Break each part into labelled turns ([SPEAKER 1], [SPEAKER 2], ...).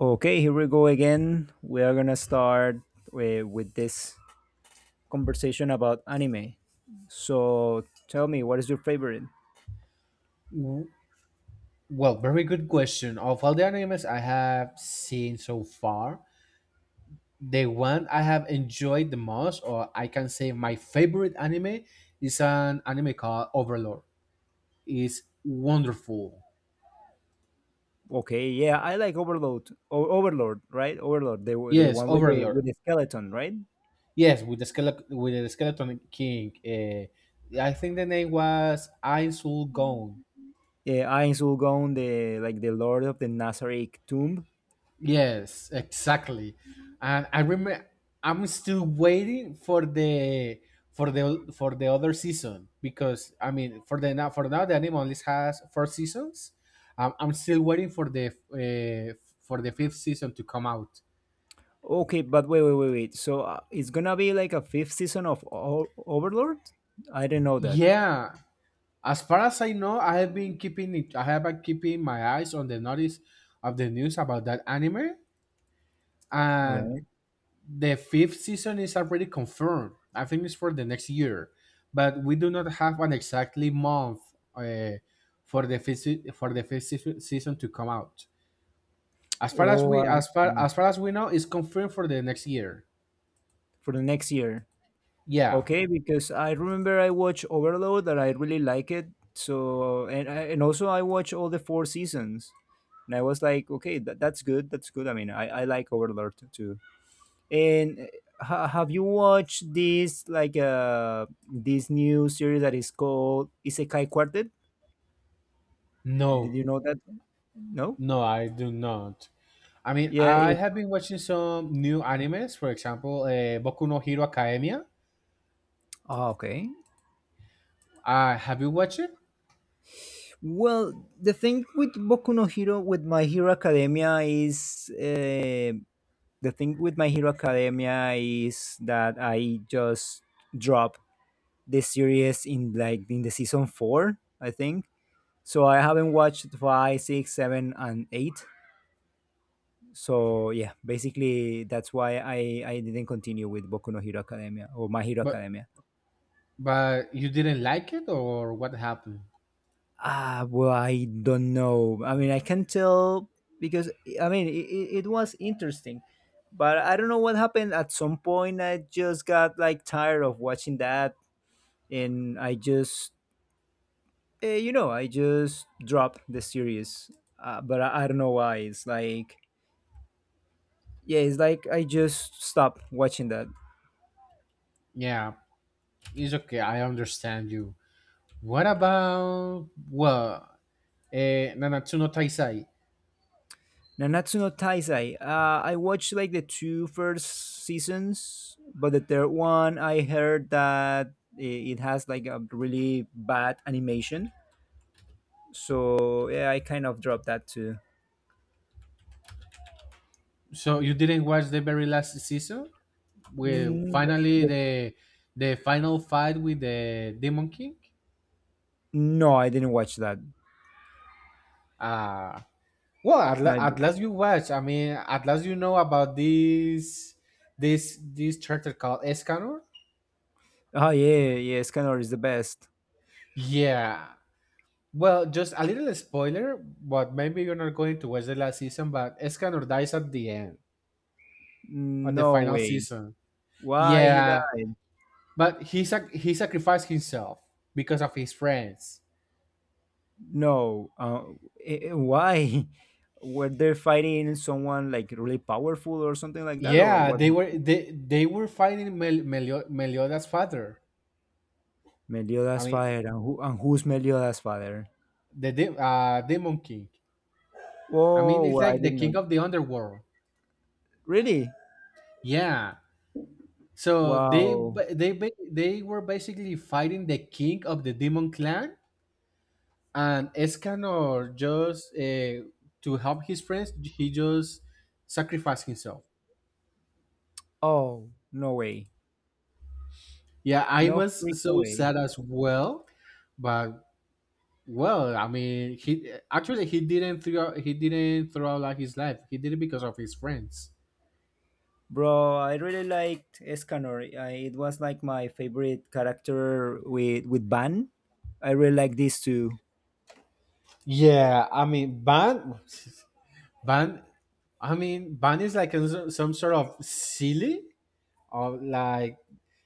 [SPEAKER 1] Okay, here we go again. We are gonna start with this conversation about anime. So tell me, what is your favorite?
[SPEAKER 2] W- Well, very good question. Of all the animes I have seen so far, the one I have enjoyed the most, or I can say my favorite anime, is an anime called Overlord. It's wonderful.
[SPEAKER 1] Okay, yeah, I like Overlord. Overlord, right? Overlord, the
[SPEAKER 2] Yes,
[SPEAKER 1] one
[SPEAKER 2] Overlord.
[SPEAKER 1] with the skeleton, right?
[SPEAKER 2] Yes, with the skeleton king. I think the name was Ainsul Gone.
[SPEAKER 1] Yeah, Ain Sulgon, the like the Lord of the Nazarene Tomb.
[SPEAKER 2] Yes, exactly. And I remember I'm still waiting for the other season because I mean for the now the anime only has four seasons. I'm still waiting for the fifth season to come out.
[SPEAKER 1] Okay, but wait, wait, wait, wait. So it's gonna be like a fifth season of Overlord? I didn't know that.
[SPEAKER 2] Yeah, as far as I know, I have been keeping it. I have been keeping my eyes on the notice of the news about that anime, and
[SPEAKER 1] Okay.
[SPEAKER 2] the fifth season is already confirmed. I think it's for the next year, but we do not have an exactly month uh, for the fifth season to come out. As far as
[SPEAKER 1] Oh,
[SPEAKER 2] we
[SPEAKER 1] I
[SPEAKER 2] as far
[SPEAKER 1] see.
[SPEAKER 2] as far as we know, it's confirmed for the next year.
[SPEAKER 1] For the next year.
[SPEAKER 2] Yeah.
[SPEAKER 1] Okay, because I remember I watched Overload that I really like it. And also I watched all the four seasons, and I was like, okay, that's good, that's good. I mean, I like Overlord too. And have you watched this like this new series that is called Isekai Quartet? Did
[SPEAKER 2] No.
[SPEAKER 1] you know that? No.
[SPEAKER 2] No, I do not. I mean,
[SPEAKER 1] Yeah.
[SPEAKER 2] I have been watching some new animes. For example, Boku no Hero Academia.
[SPEAKER 1] Ah, okay.
[SPEAKER 2] Have you watched it?
[SPEAKER 1] Well, the thing with Boku no Hero, with My Hero Academia, is. The thing with My Hero Academia is that I just dropped the series in like in the season four, I think. So I haven't watched five, six, seven, and eight. So yeah, basically that's why I didn't continue with Boku no Hero Academia or My Hero
[SPEAKER 2] But
[SPEAKER 1] Academia.
[SPEAKER 2] you didn't like it, or what happened?
[SPEAKER 1] Ah, well, I don't know. I mean, I can tell because I mean it was interesting but I don't know what happened. At some point, I just got like tired of watching that and I just I just dropped the series, I don't know why. It's like yeah, it's like I just stopped watching that.
[SPEAKER 2] Yeah, it's okay. I understand you. What about well, Nanatsu no Taisai?
[SPEAKER 1] Nanatsu no Taizai. I watched like the two first seasons, but the third one I heard that it has like a really bad animation. So yeah, I kind of dropped that too.
[SPEAKER 2] So you didn't watch the very last season? With
[SPEAKER 1] Mm,
[SPEAKER 2] finally
[SPEAKER 1] the-
[SPEAKER 2] the final fight with the Demon King.
[SPEAKER 1] no, I didn't watch that.
[SPEAKER 2] Uh well, at, la-
[SPEAKER 1] I,
[SPEAKER 2] at last you watch. I mean, at last you know about this character called Escanor.
[SPEAKER 1] oh yeah, yeah, Scanner is the best.
[SPEAKER 2] Yeah. Well, just a little spoiler, but maybe you're not going to watch the last season. But Escanor dies at the end, at the
[SPEAKER 1] No
[SPEAKER 2] final
[SPEAKER 1] way.
[SPEAKER 2] season.
[SPEAKER 1] Why he
[SPEAKER 2] Yeah,
[SPEAKER 1] died?
[SPEAKER 2] but he sacrificed himself because of his friends.
[SPEAKER 1] No. Why were they fighting someone like really powerful or something like that, or
[SPEAKER 2] Yeah,
[SPEAKER 1] what
[SPEAKER 2] they were
[SPEAKER 1] happened?
[SPEAKER 2] they they were fighting Meliodas' father. I
[SPEAKER 1] Meliodas'
[SPEAKER 2] mean,
[SPEAKER 1] father, and who's Meliodas' father?
[SPEAKER 2] the Demon King. I mean, it's
[SPEAKER 1] Whoa! I
[SPEAKER 2] like the
[SPEAKER 1] didn't
[SPEAKER 2] king
[SPEAKER 1] know.
[SPEAKER 2] of the underworld.
[SPEAKER 1] Really?
[SPEAKER 2] Yeah. So they
[SPEAKER 1] Wow.
[SPEAKER 2] ba- they ba- they were basically fighting the king of the demon clan, and Escanor just to help his friends, he just sacrificed himself.
[SPEAKER 1] Oh, no way.
[SPEAKER 2] Yeah, I
[SPEAKER 1] No freaking
[SPEAKER 2] was so
[SPEAKER 1] way.
[SPEAKER 2] sad as well, but well, I mean, he actually he didn't throw out like his life. He did it because of his friends.
[SPEAKER 1] Bro, I really liked Escanor. It was like my favorite character with Ban. I really like these two.
[SPEAKER 2] Yeah, I mean, Ban. Ban, I mean, Ban is like a, some sort of silly or like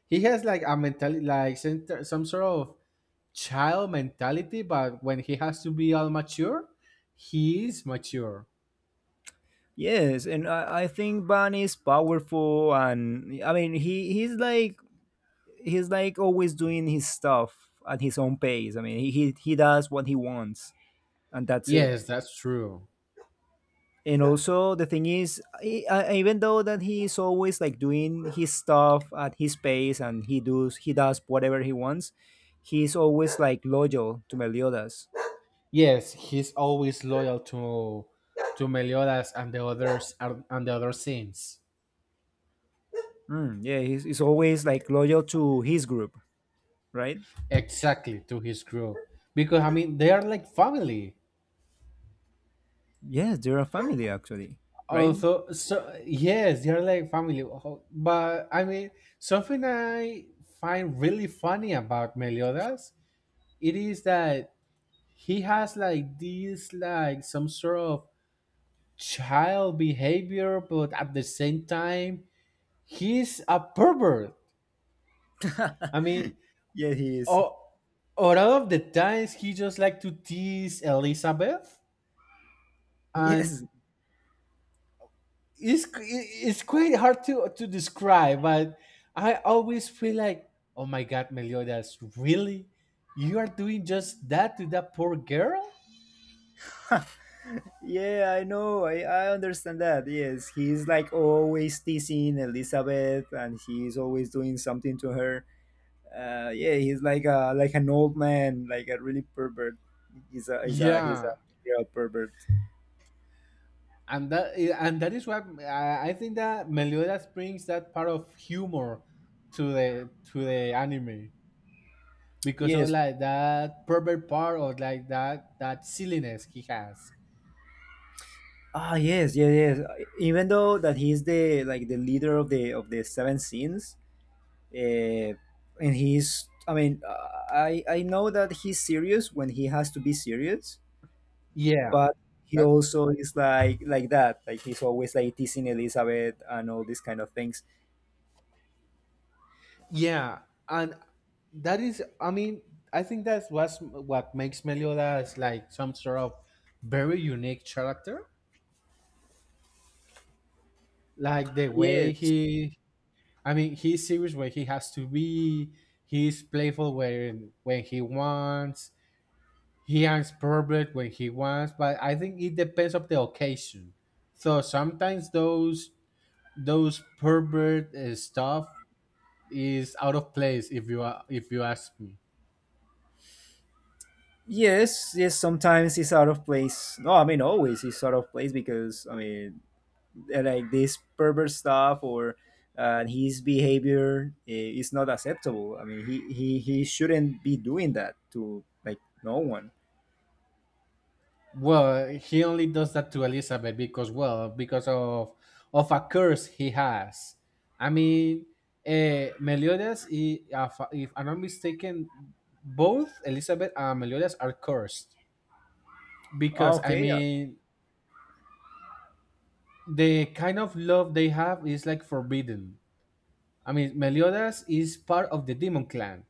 [SPEAKER 2] he has like a mentality like some sort of child mentality, but when he has to be all mature, he is mature.
[SPEAKER 1] Yes, I think Van is powerful, and I mean he's like he's like always doing his stuff at his own pace. I mean he does what he wants, and that's it.
[SPEAKER 2] Yes, that's true.
[SPEAKER 1] And yeah, also the thing is, even though that he is always like doing his stuff at his pace, and he does whatever he wants, he's always like loyal to Meliodas.
[SPEAKER 2] Yes, he's always loyal to Meliodas and the others and the other saints.
[SPEAKER 1] Mm, yeah, he's always like loyal to his group, right?
[SPEAKER 2] Exactly to his group because I mean they are like family.
[SPEAKER 1] Yes, they're a family actually, right?
[SPEAKER 2] Also, so yes, they are like family. But I mean something I find really funny about Meliodas it is that he has like this like some sort of child behavior, but at the same time he's a pervert. I mean.
[SPEAKER 1] Yeah, he is.
[SPEAKER 2] Oh, out of the times he just like to tease Elizabeth, and
[SPEAKER 1] Yes.
[SPEAKER 2] it's quite hard to describe. But I always feel like, oh my god, Meliodas, really, you are doing just that to that poor girl?
[SPEAKER 1] Yeah, I know. I understand that. Yes. He's like always teasing Elizabeth and he's always doing something to her. Yeah, he's like a like an old man, like a really pervert. He's a
[SPEAKER 2] Yeah,
[SPEAKER 1] real pervert.
[SPEAKER 2] and that is what I think that Meliodas brings that part of humor to the anime because of
[SPEAKER 1] Yes.
[SPEAKER 2] like that pervert part or like that silliness he has.
[SPEAKER 1] Ah yes, yes, yes. Even though that he's the like the leader of the seven sins, uh, and he's I mean, I know that he's serious when he has to be serious,
[SPEAKER 2] Yeah,
[SPEAKER 1] but he
[SPEAKER 2] that's
[SPEAKER 1] also is like that like he's always like teasing Elizabeth and all these kind of things.
[SPEAKER 2] yeah, and that is, I mean, I think that's what's what makes Meliodas like some sort of very unique character. Like the way
[SPEAKER 1] Yes,
[SPEAKER 2] he, I mean, he's serious where he has to be. He's playful when he wants. He acts perfect when he wants. But I think it depends of the occasion. So sometimes those pervert stuff is out of place if you are if you ask me.
[SPEAKER 1] yes, yes, sometimes he's out of place. No, I mean always he's out of place because I mean like this pervert stuff or his behavior is not acceptable. I mean he shouldn't be doing that to like no one.
[SPEAKER 2] Well, he only does that to Elizabeth because, well, because of a curse he has. I mean, Meliodas, if I'm not mistaken, both Elizabeth and Meliodas are cursed
[SPEAKER 1] Ah,
[SPEAKER 2] because, I
[SPEAKER 1] okay uh,
[SPEAKER 2] mean, the kind of love they have is like forbidden. I mean, Meliodas is part of the demon clan,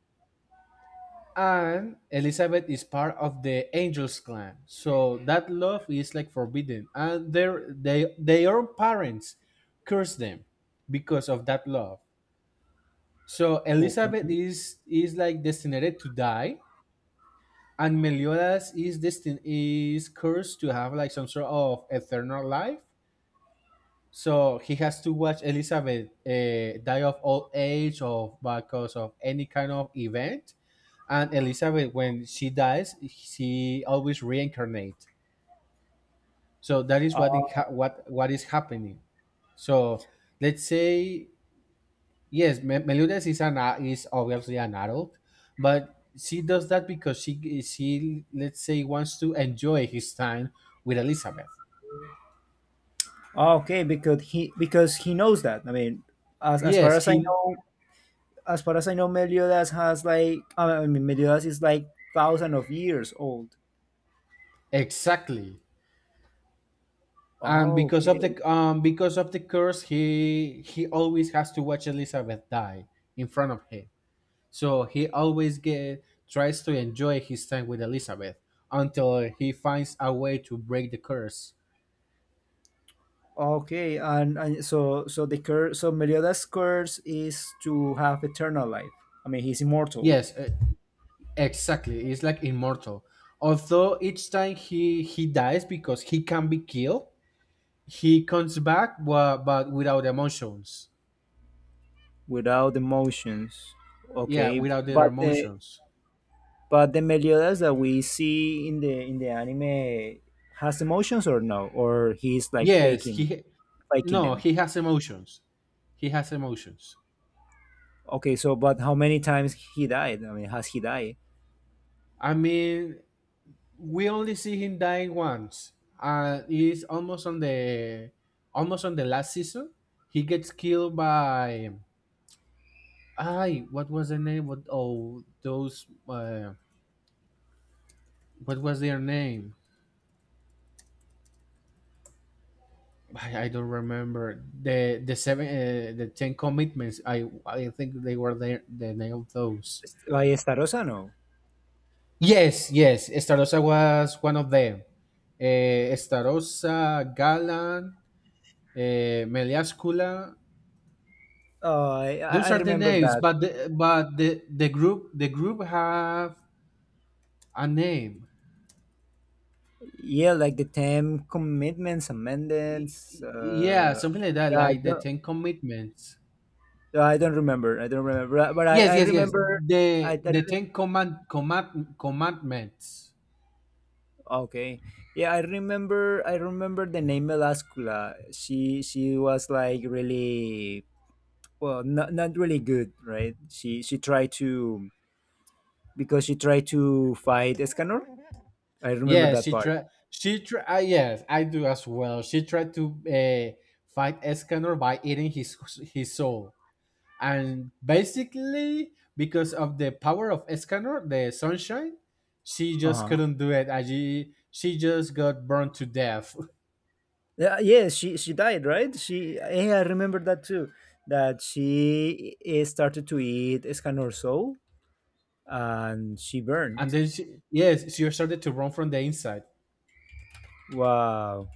[SPEAKER 2] and Elizabeth is part of the Angels clan. So that love is like forbidden, and their parents curse them because of that love. So
[SPEAKER 1] okay
[SPEAKER 2] Elizabeth is like destined to die, and Meliodas is cursed to have like some sort of eternal life. So he has to watch Elizabeth die of old age or because of any kind of event and Elizabeth when she dies she always reincarnates so that is
[SPEAKER 1] uh,
[SPEAKER 2] what it what is happening so let's say yes Meliodas is obviously an adult but she does that because she let's say wants to enjoy his time with Elizabeth.
[SPEAKER 1] okay because he knows that I mean as far
[SPEAKER 2] yes
[SPEAKER 1] as I
[SPEAKER 2] he
[SPEAKER 1] know as far as I know, Meliodas has like I mean, Meliodas is like thousand of years old.
[SPEAKER 2] exactly. And
[SPEAKER 1] Oh, okay,
[SPEAKER 2] because of the curse he always has to watch Elizabeth die in front of him. So he always tries to enjoy his time with Elizabeth until he finds a way to break the curse.
[SPEAKER 1] okay, and so so the curse, so Meliodas' curse is to have eternal life. I mean, he's immortal
[SPEAKER 2] Yes, exactly. He's like immortal. Although each time he dies because he can be killed, he comes back but without emotions.
[SPEAKER 1] without emotions.
[SPEAKER 2] Yeah,
[SPEAKER 1] Okay,
[SPEAKER 2] without their
[SPEAKER 1] but the
[SPEAKER 2] emotions.
[SPEAKER 1] but the Meliodas that we see in the anime has emotions or no, or he's like
[SPEAKER 2] Yes,
[SPEAKER 1] faking
[SPEAKER 2] he
[SPEAKER 1] faking
[SPEAKER 2] no,
[SPEAKER 1] them.
[SPEAKER 2] he has emotions. He has emotions.
[SPEAKER 1] Okay, so but how many times he died? I mean, has he died?
[SPEAKER 2] I mean, we only see him dying once. It's almost on the last season. He gets killed by I. What was the name? What oh those? What was their name? I don't remember the seven the ten commitments. I think they were there the name of those.
[SPEAKER 1] Like Starosa, no.
[SPEAKER 2] Yes, yes. Starossa was one of them. Starossa, Galan, Meliascula,
[SPEAKER 1] Oh,
[SPEAKER 2] those
[SPEAKER 1] I
[SPEAKER 2] are the
[SPEAKER 1] remember
[SPEAKER 2] names,
[SPEAKER 1] that.
[SPEAKER 2] but the group have a name.
[SPEAKER 1] Yeah, like the time commitments, amendments.
[SPEAKER 2] Yeah, something like that,
[SPEAKER 1] Yeah, I
[SPEAKER 2] like the
[SPEAKER 1] don't,
[SPEAKER 2] Ten Commitments.
[SPEAKER 1] yeah, I don't remember. I don't remember. But
[SPEAKER 2] Yes,
[SPEAKER 1] I
[SPEAKER 2] yes, yes.
[SPEAKER 1] remember. I
[SPEAKER 2] The Ten Commandments.
[SPEAKER 1] Okay. Yeah, I remember. I remember the name Melascula. She was like really well, not not really good, right? She tried to because she tried to fight Escanor. I remember
[SPEAKER 2] Yeah,
[SPEAKER 1] that
[SPEAKER 2] she
[SPEAKER 1] part.
[SPEAKER 2] tried. She tried. Yes, I do as well. She tried to fight Escanor by eating his soul, and basically because of the power of Escanor, the sunshine, she
[SPEAKER 1] Uh
[SPEAKER 2] just
[SPEAKER 1] huh.
[SPEAKER 2] couldn't do it. And she just got burned to death,
[SPEAKER 1] Yeah, yes, she died, right? She Yeah, I remember that too. That she started to eat Escanor soul and she burned.
[SPEAKER 2] and then she yes she started to run from the inside.
[SPEAKER 1] Wow.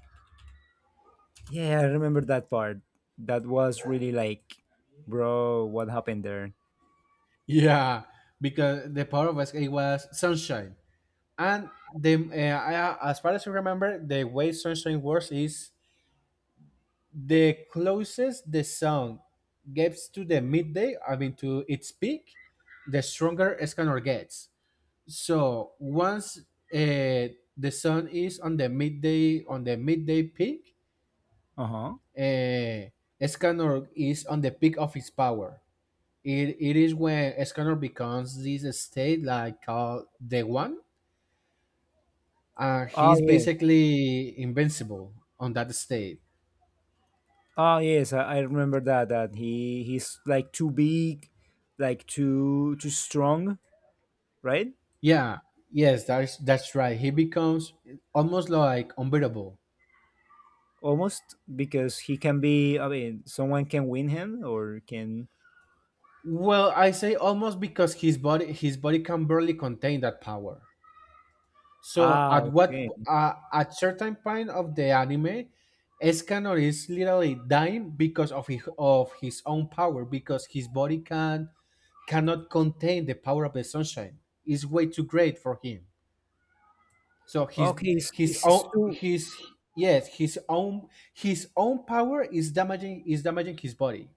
[SPEAKER 1] Yeah, I remember that part. That was really like, bro, what happened there?
[SPEAKER 2] Yeah, because the power of Escanor it was sunshine, and the as far as I remember, the way sunshine works is the closest the sun gets to the midday, I mean to its peak, the stronger Escanor gets. So once the sun is on the midday peak,
[SPEAKER 1] Uh huh.
[SPEAKER 2] uh, Escanor is on the peak of its power. It is when Escanor becomes this state like called the one, and
[SPEAKER 1] Oh
[SPEAKER 2] he's
[SPEAKER 1] yes.
[SPEAKER 2] basically invincible on that state.
[SPEAKER 1] Oh yes, I remember that. That he's like too big, like too strong, right?
[SPEAKER 2] Yeah, yes, that's right. He becomes almost like unbeatable.
[SPEAKER 1] Almost because he can be. I mean, someone can win him or can.
[SPEAKER 2] Well, I say almost because his body can barely contain that power. So
[SPEAKER 1] Ah,
[SPEAKER 2] at what
[SPEAKER 1] okay.
[SPEAKER 2] at certain point of the anime, Escanor is literally dying because of of his own power because his body cannot contain the power of the sunshine. It's way too great for him. So
[SPEAKER 1] Okay,
[SPEAKER 2] his
[SPEAKER 1] it's
[SPEAKER 2] own
[SPEAKER 1] too.
[SPEAKER 2] his yes his own power is damaging his body.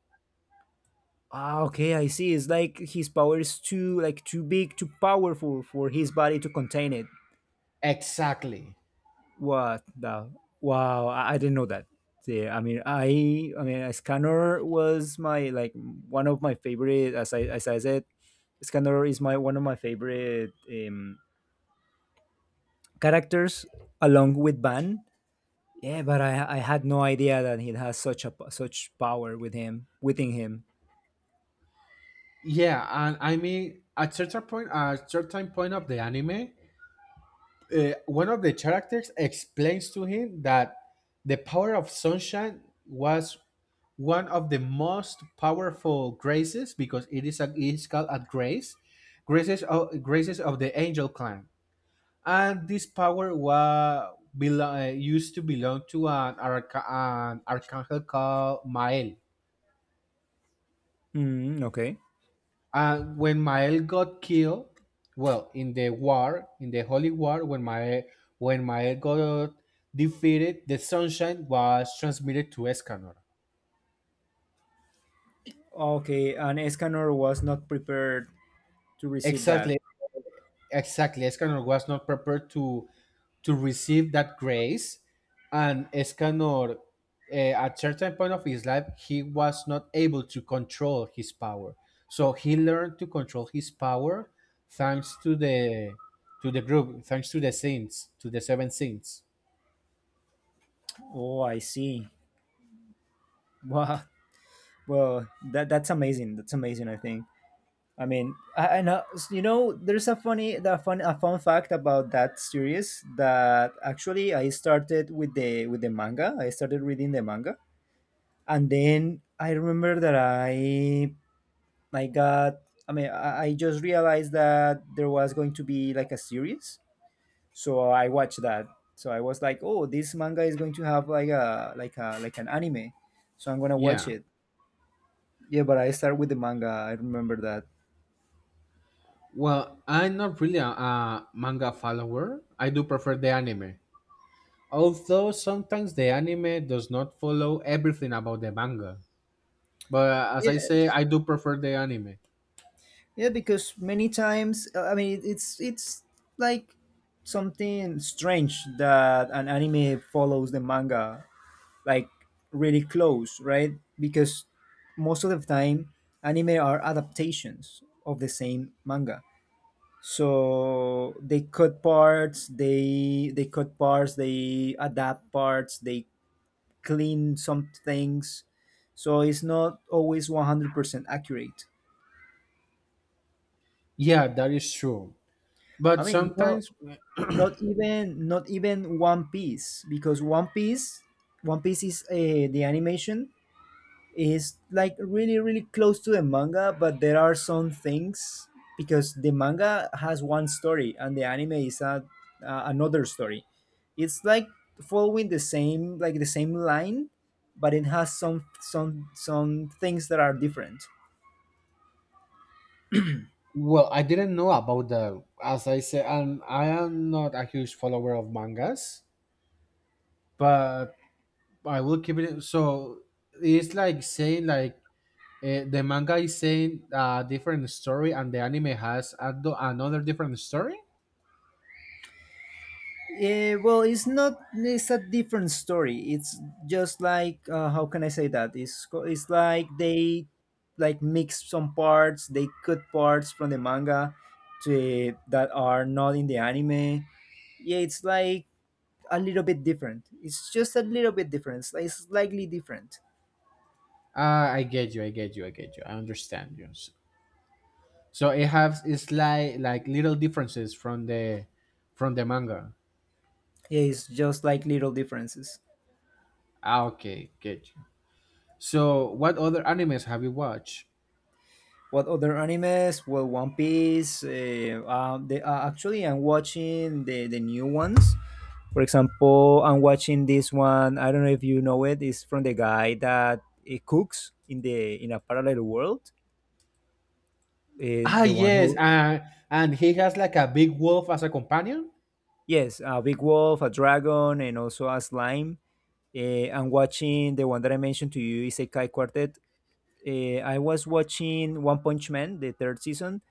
[SPEAKER 1] Ah, okay, I see. It's like his power is too like too big, too powerful for his body to contain it.
[SPEAKER 2] Exactly.
[SPEAKER 1] What the? Wow, I didn't know that. Yeah, I mean, I mean, Scanner was my like one of my favorite. As I said, Scanner is my one of my favorite characters, along with Ban. Yeah, but I had no idea that he has such a such power with him within him.
[SPEAKER 2] Yeah, and I mean at certain point of the anime, one of the characters explains to him that the power of sunshine was one of the most powerful graces because it is it is called a grace, graces of the angel clan, and this power was used to belong to an archangel called Mael.
[SPEAKER 1] Mm, okay.
[SPEAKER 2] And when Mael got killed, well, in the war, in the Holy War, when Mael got defeated, the sunshine was transmitted to Escanor.
[SPEAKER 1] Okay, and Escanor was not prepared to receive that.
[SPEAKER 2] Exactly, exactly. Escanor was not prepared to receive that grace, and Escanor, at certain point of his life, he was not able to control his power. So he learned to control his power thanks to the group, thanks to the saints, to the seven saints.
[SPEAKER 1] Oh, I see. Wow. Well, that that's amazing. That's amazing. I think. I mean, I know you know. There's a funny, the fun, a fun fact about that series that actually I started with the manga. I started reading the manga, and then I remember that I got. I mean, I just realized that there was going to be like a series, so I watched that. So I was like, oh, this manga is going to have like a like an anime, so I'm gonna watch
[SPEAKER 2] Yeah.
[SPEAKER 1] it. Yeah, but I start with the manga, I remember that.
[SPEAKER 2] Well, I'm not really a manga follower. I do prefer the anime. Although sometimes the anime does not follow everything about the manga. But as I say,
[SPEAKER 1] Yes,
[SPEAKER 2] I do prefer the anime.
[SPEAKER 1] yeah, because many times I mean it's like something strange that an anime follows the manga like really close, right? Because most of the time anime are adaptations of the same manga, so they cut parts they cut parts, they adapt parts, they clean some things, so it's not always 100% accurate.
[SPEAKER 2] Yeah, that is true.
[SPEAKER 1] i
[SPEAKER 2] But
[SPEAKER 1] mean not,
[SPEAKER 2] sometimes,
[SPEAKER 1] Not even one piece, because one piece is the animation is like really really close to the manga, but there are some things because the manga has one story and the anime is another story. It's like following the same like the same line, but it has some things that are different.
[SPEAKER 2] well, I didn't know about that. As I say, and I am not a huge follower of mangas, but I will keep it. So it's like saying like the manga is saying a different story, and the anime has another different story.
[SPEAKER 1] Eh, well, it's not. It's a different story. It's just like how can I say that? It's like they like mix some parts. They cut parts from the manga to that are not in the anime. Yeah, it's like a little bit different. It's just a little bit different. It's like slightly different.
[SPEAKER 2] I get you. I get you. I get you. I understand you. So, so it has it's like little differences from the manga.
[SPEAKER 1] Yeah, it's just like little differences.
[SPEAKER 2] Ah, okay, get you. So, what other animes have you watched?
[SPEAKER 1] What other animes? Well, One Piece. Actually, I'm watching the new ones. For example, I'm watching this one. I don't know if you know it. It's from the guy that cooks in the in a parallel world.
[SPEAKER 2] Ah,
[SPEAKER 1] The one
[SPEAKER 2] yes,
[SPEAKER 1] who
[SPEAKER 2] and he has like a big wolf as a companion.
[SPEAKER 1] yes, a big wolf, a dragon, and also a slime. I'm watching the one that I mentioned to you, Isekai Quartet. I was watching One Punch Man, the third season,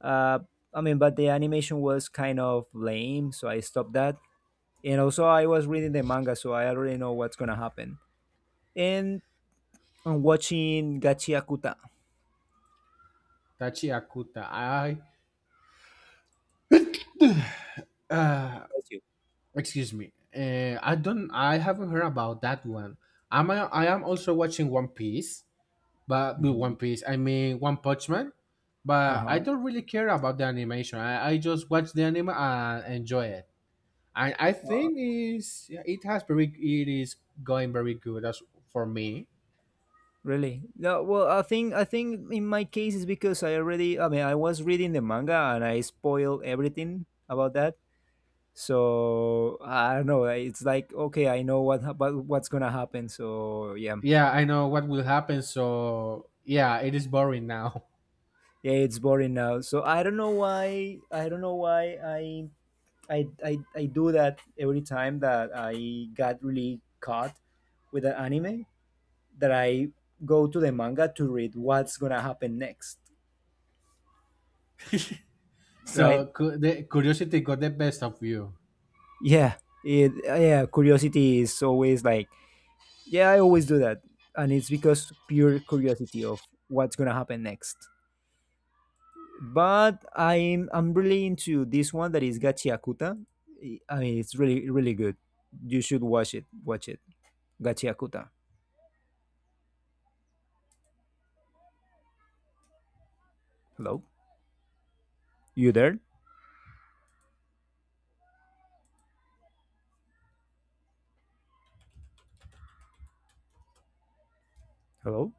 [SPEAKER 1] Uh, I mean, but the animation was kind of lame, so I stopped that. And also, I was reading the manga, so I already know what's gonna happen. And I'm watching Gachi Akuta.
[SPEAKER 2] Tachi Akuta. I
[SPEAKER 1] That's you.
[SPEAKER 2] excuse me. I don't. I haven't heard about that one. I am also watching One Piece, but with One
[SPEAKER 1] Mhm.
[SPEAKER 2] Piece, I mean One Punch Man. But I
[SPEAKER 1] Uh-huh.
[SPEAKER 2] don't really care about the animation. I just watch the anime and enjoy it. And I
[SPEAKER 1] Uh,
[SPEAKER 2] think is it has very it is going very good as for me.
[SPEAKER 1] really? No, well, I think in my case is because I already. I mean, I was reading the manga and I spoiled everything about that. So I don't know. It's like okay, I know what what's gonna happen. So yeah,
[SPEAKER 2] Yeah, I know what will happen, so yeah, it is boring now.
[SPEAKER 1] yeah, it's boring now, so I don't know why I do that every time that I got really caught with an anime that I go to the manga to read what's gonna happen next. Right.
[SPEAKER 2] So the curiosity got the best of you.
[SPEAKER 1] Yeah, yeah, curiosity is always like, yeah, I always do that, and it's because pure curiosity of what's gonna happen next. But I'm really into this one that is Gachiakuta. I mean, it's really really good. You should watch it. Watch it. Gachi Akuta. Hello, you there? Hello.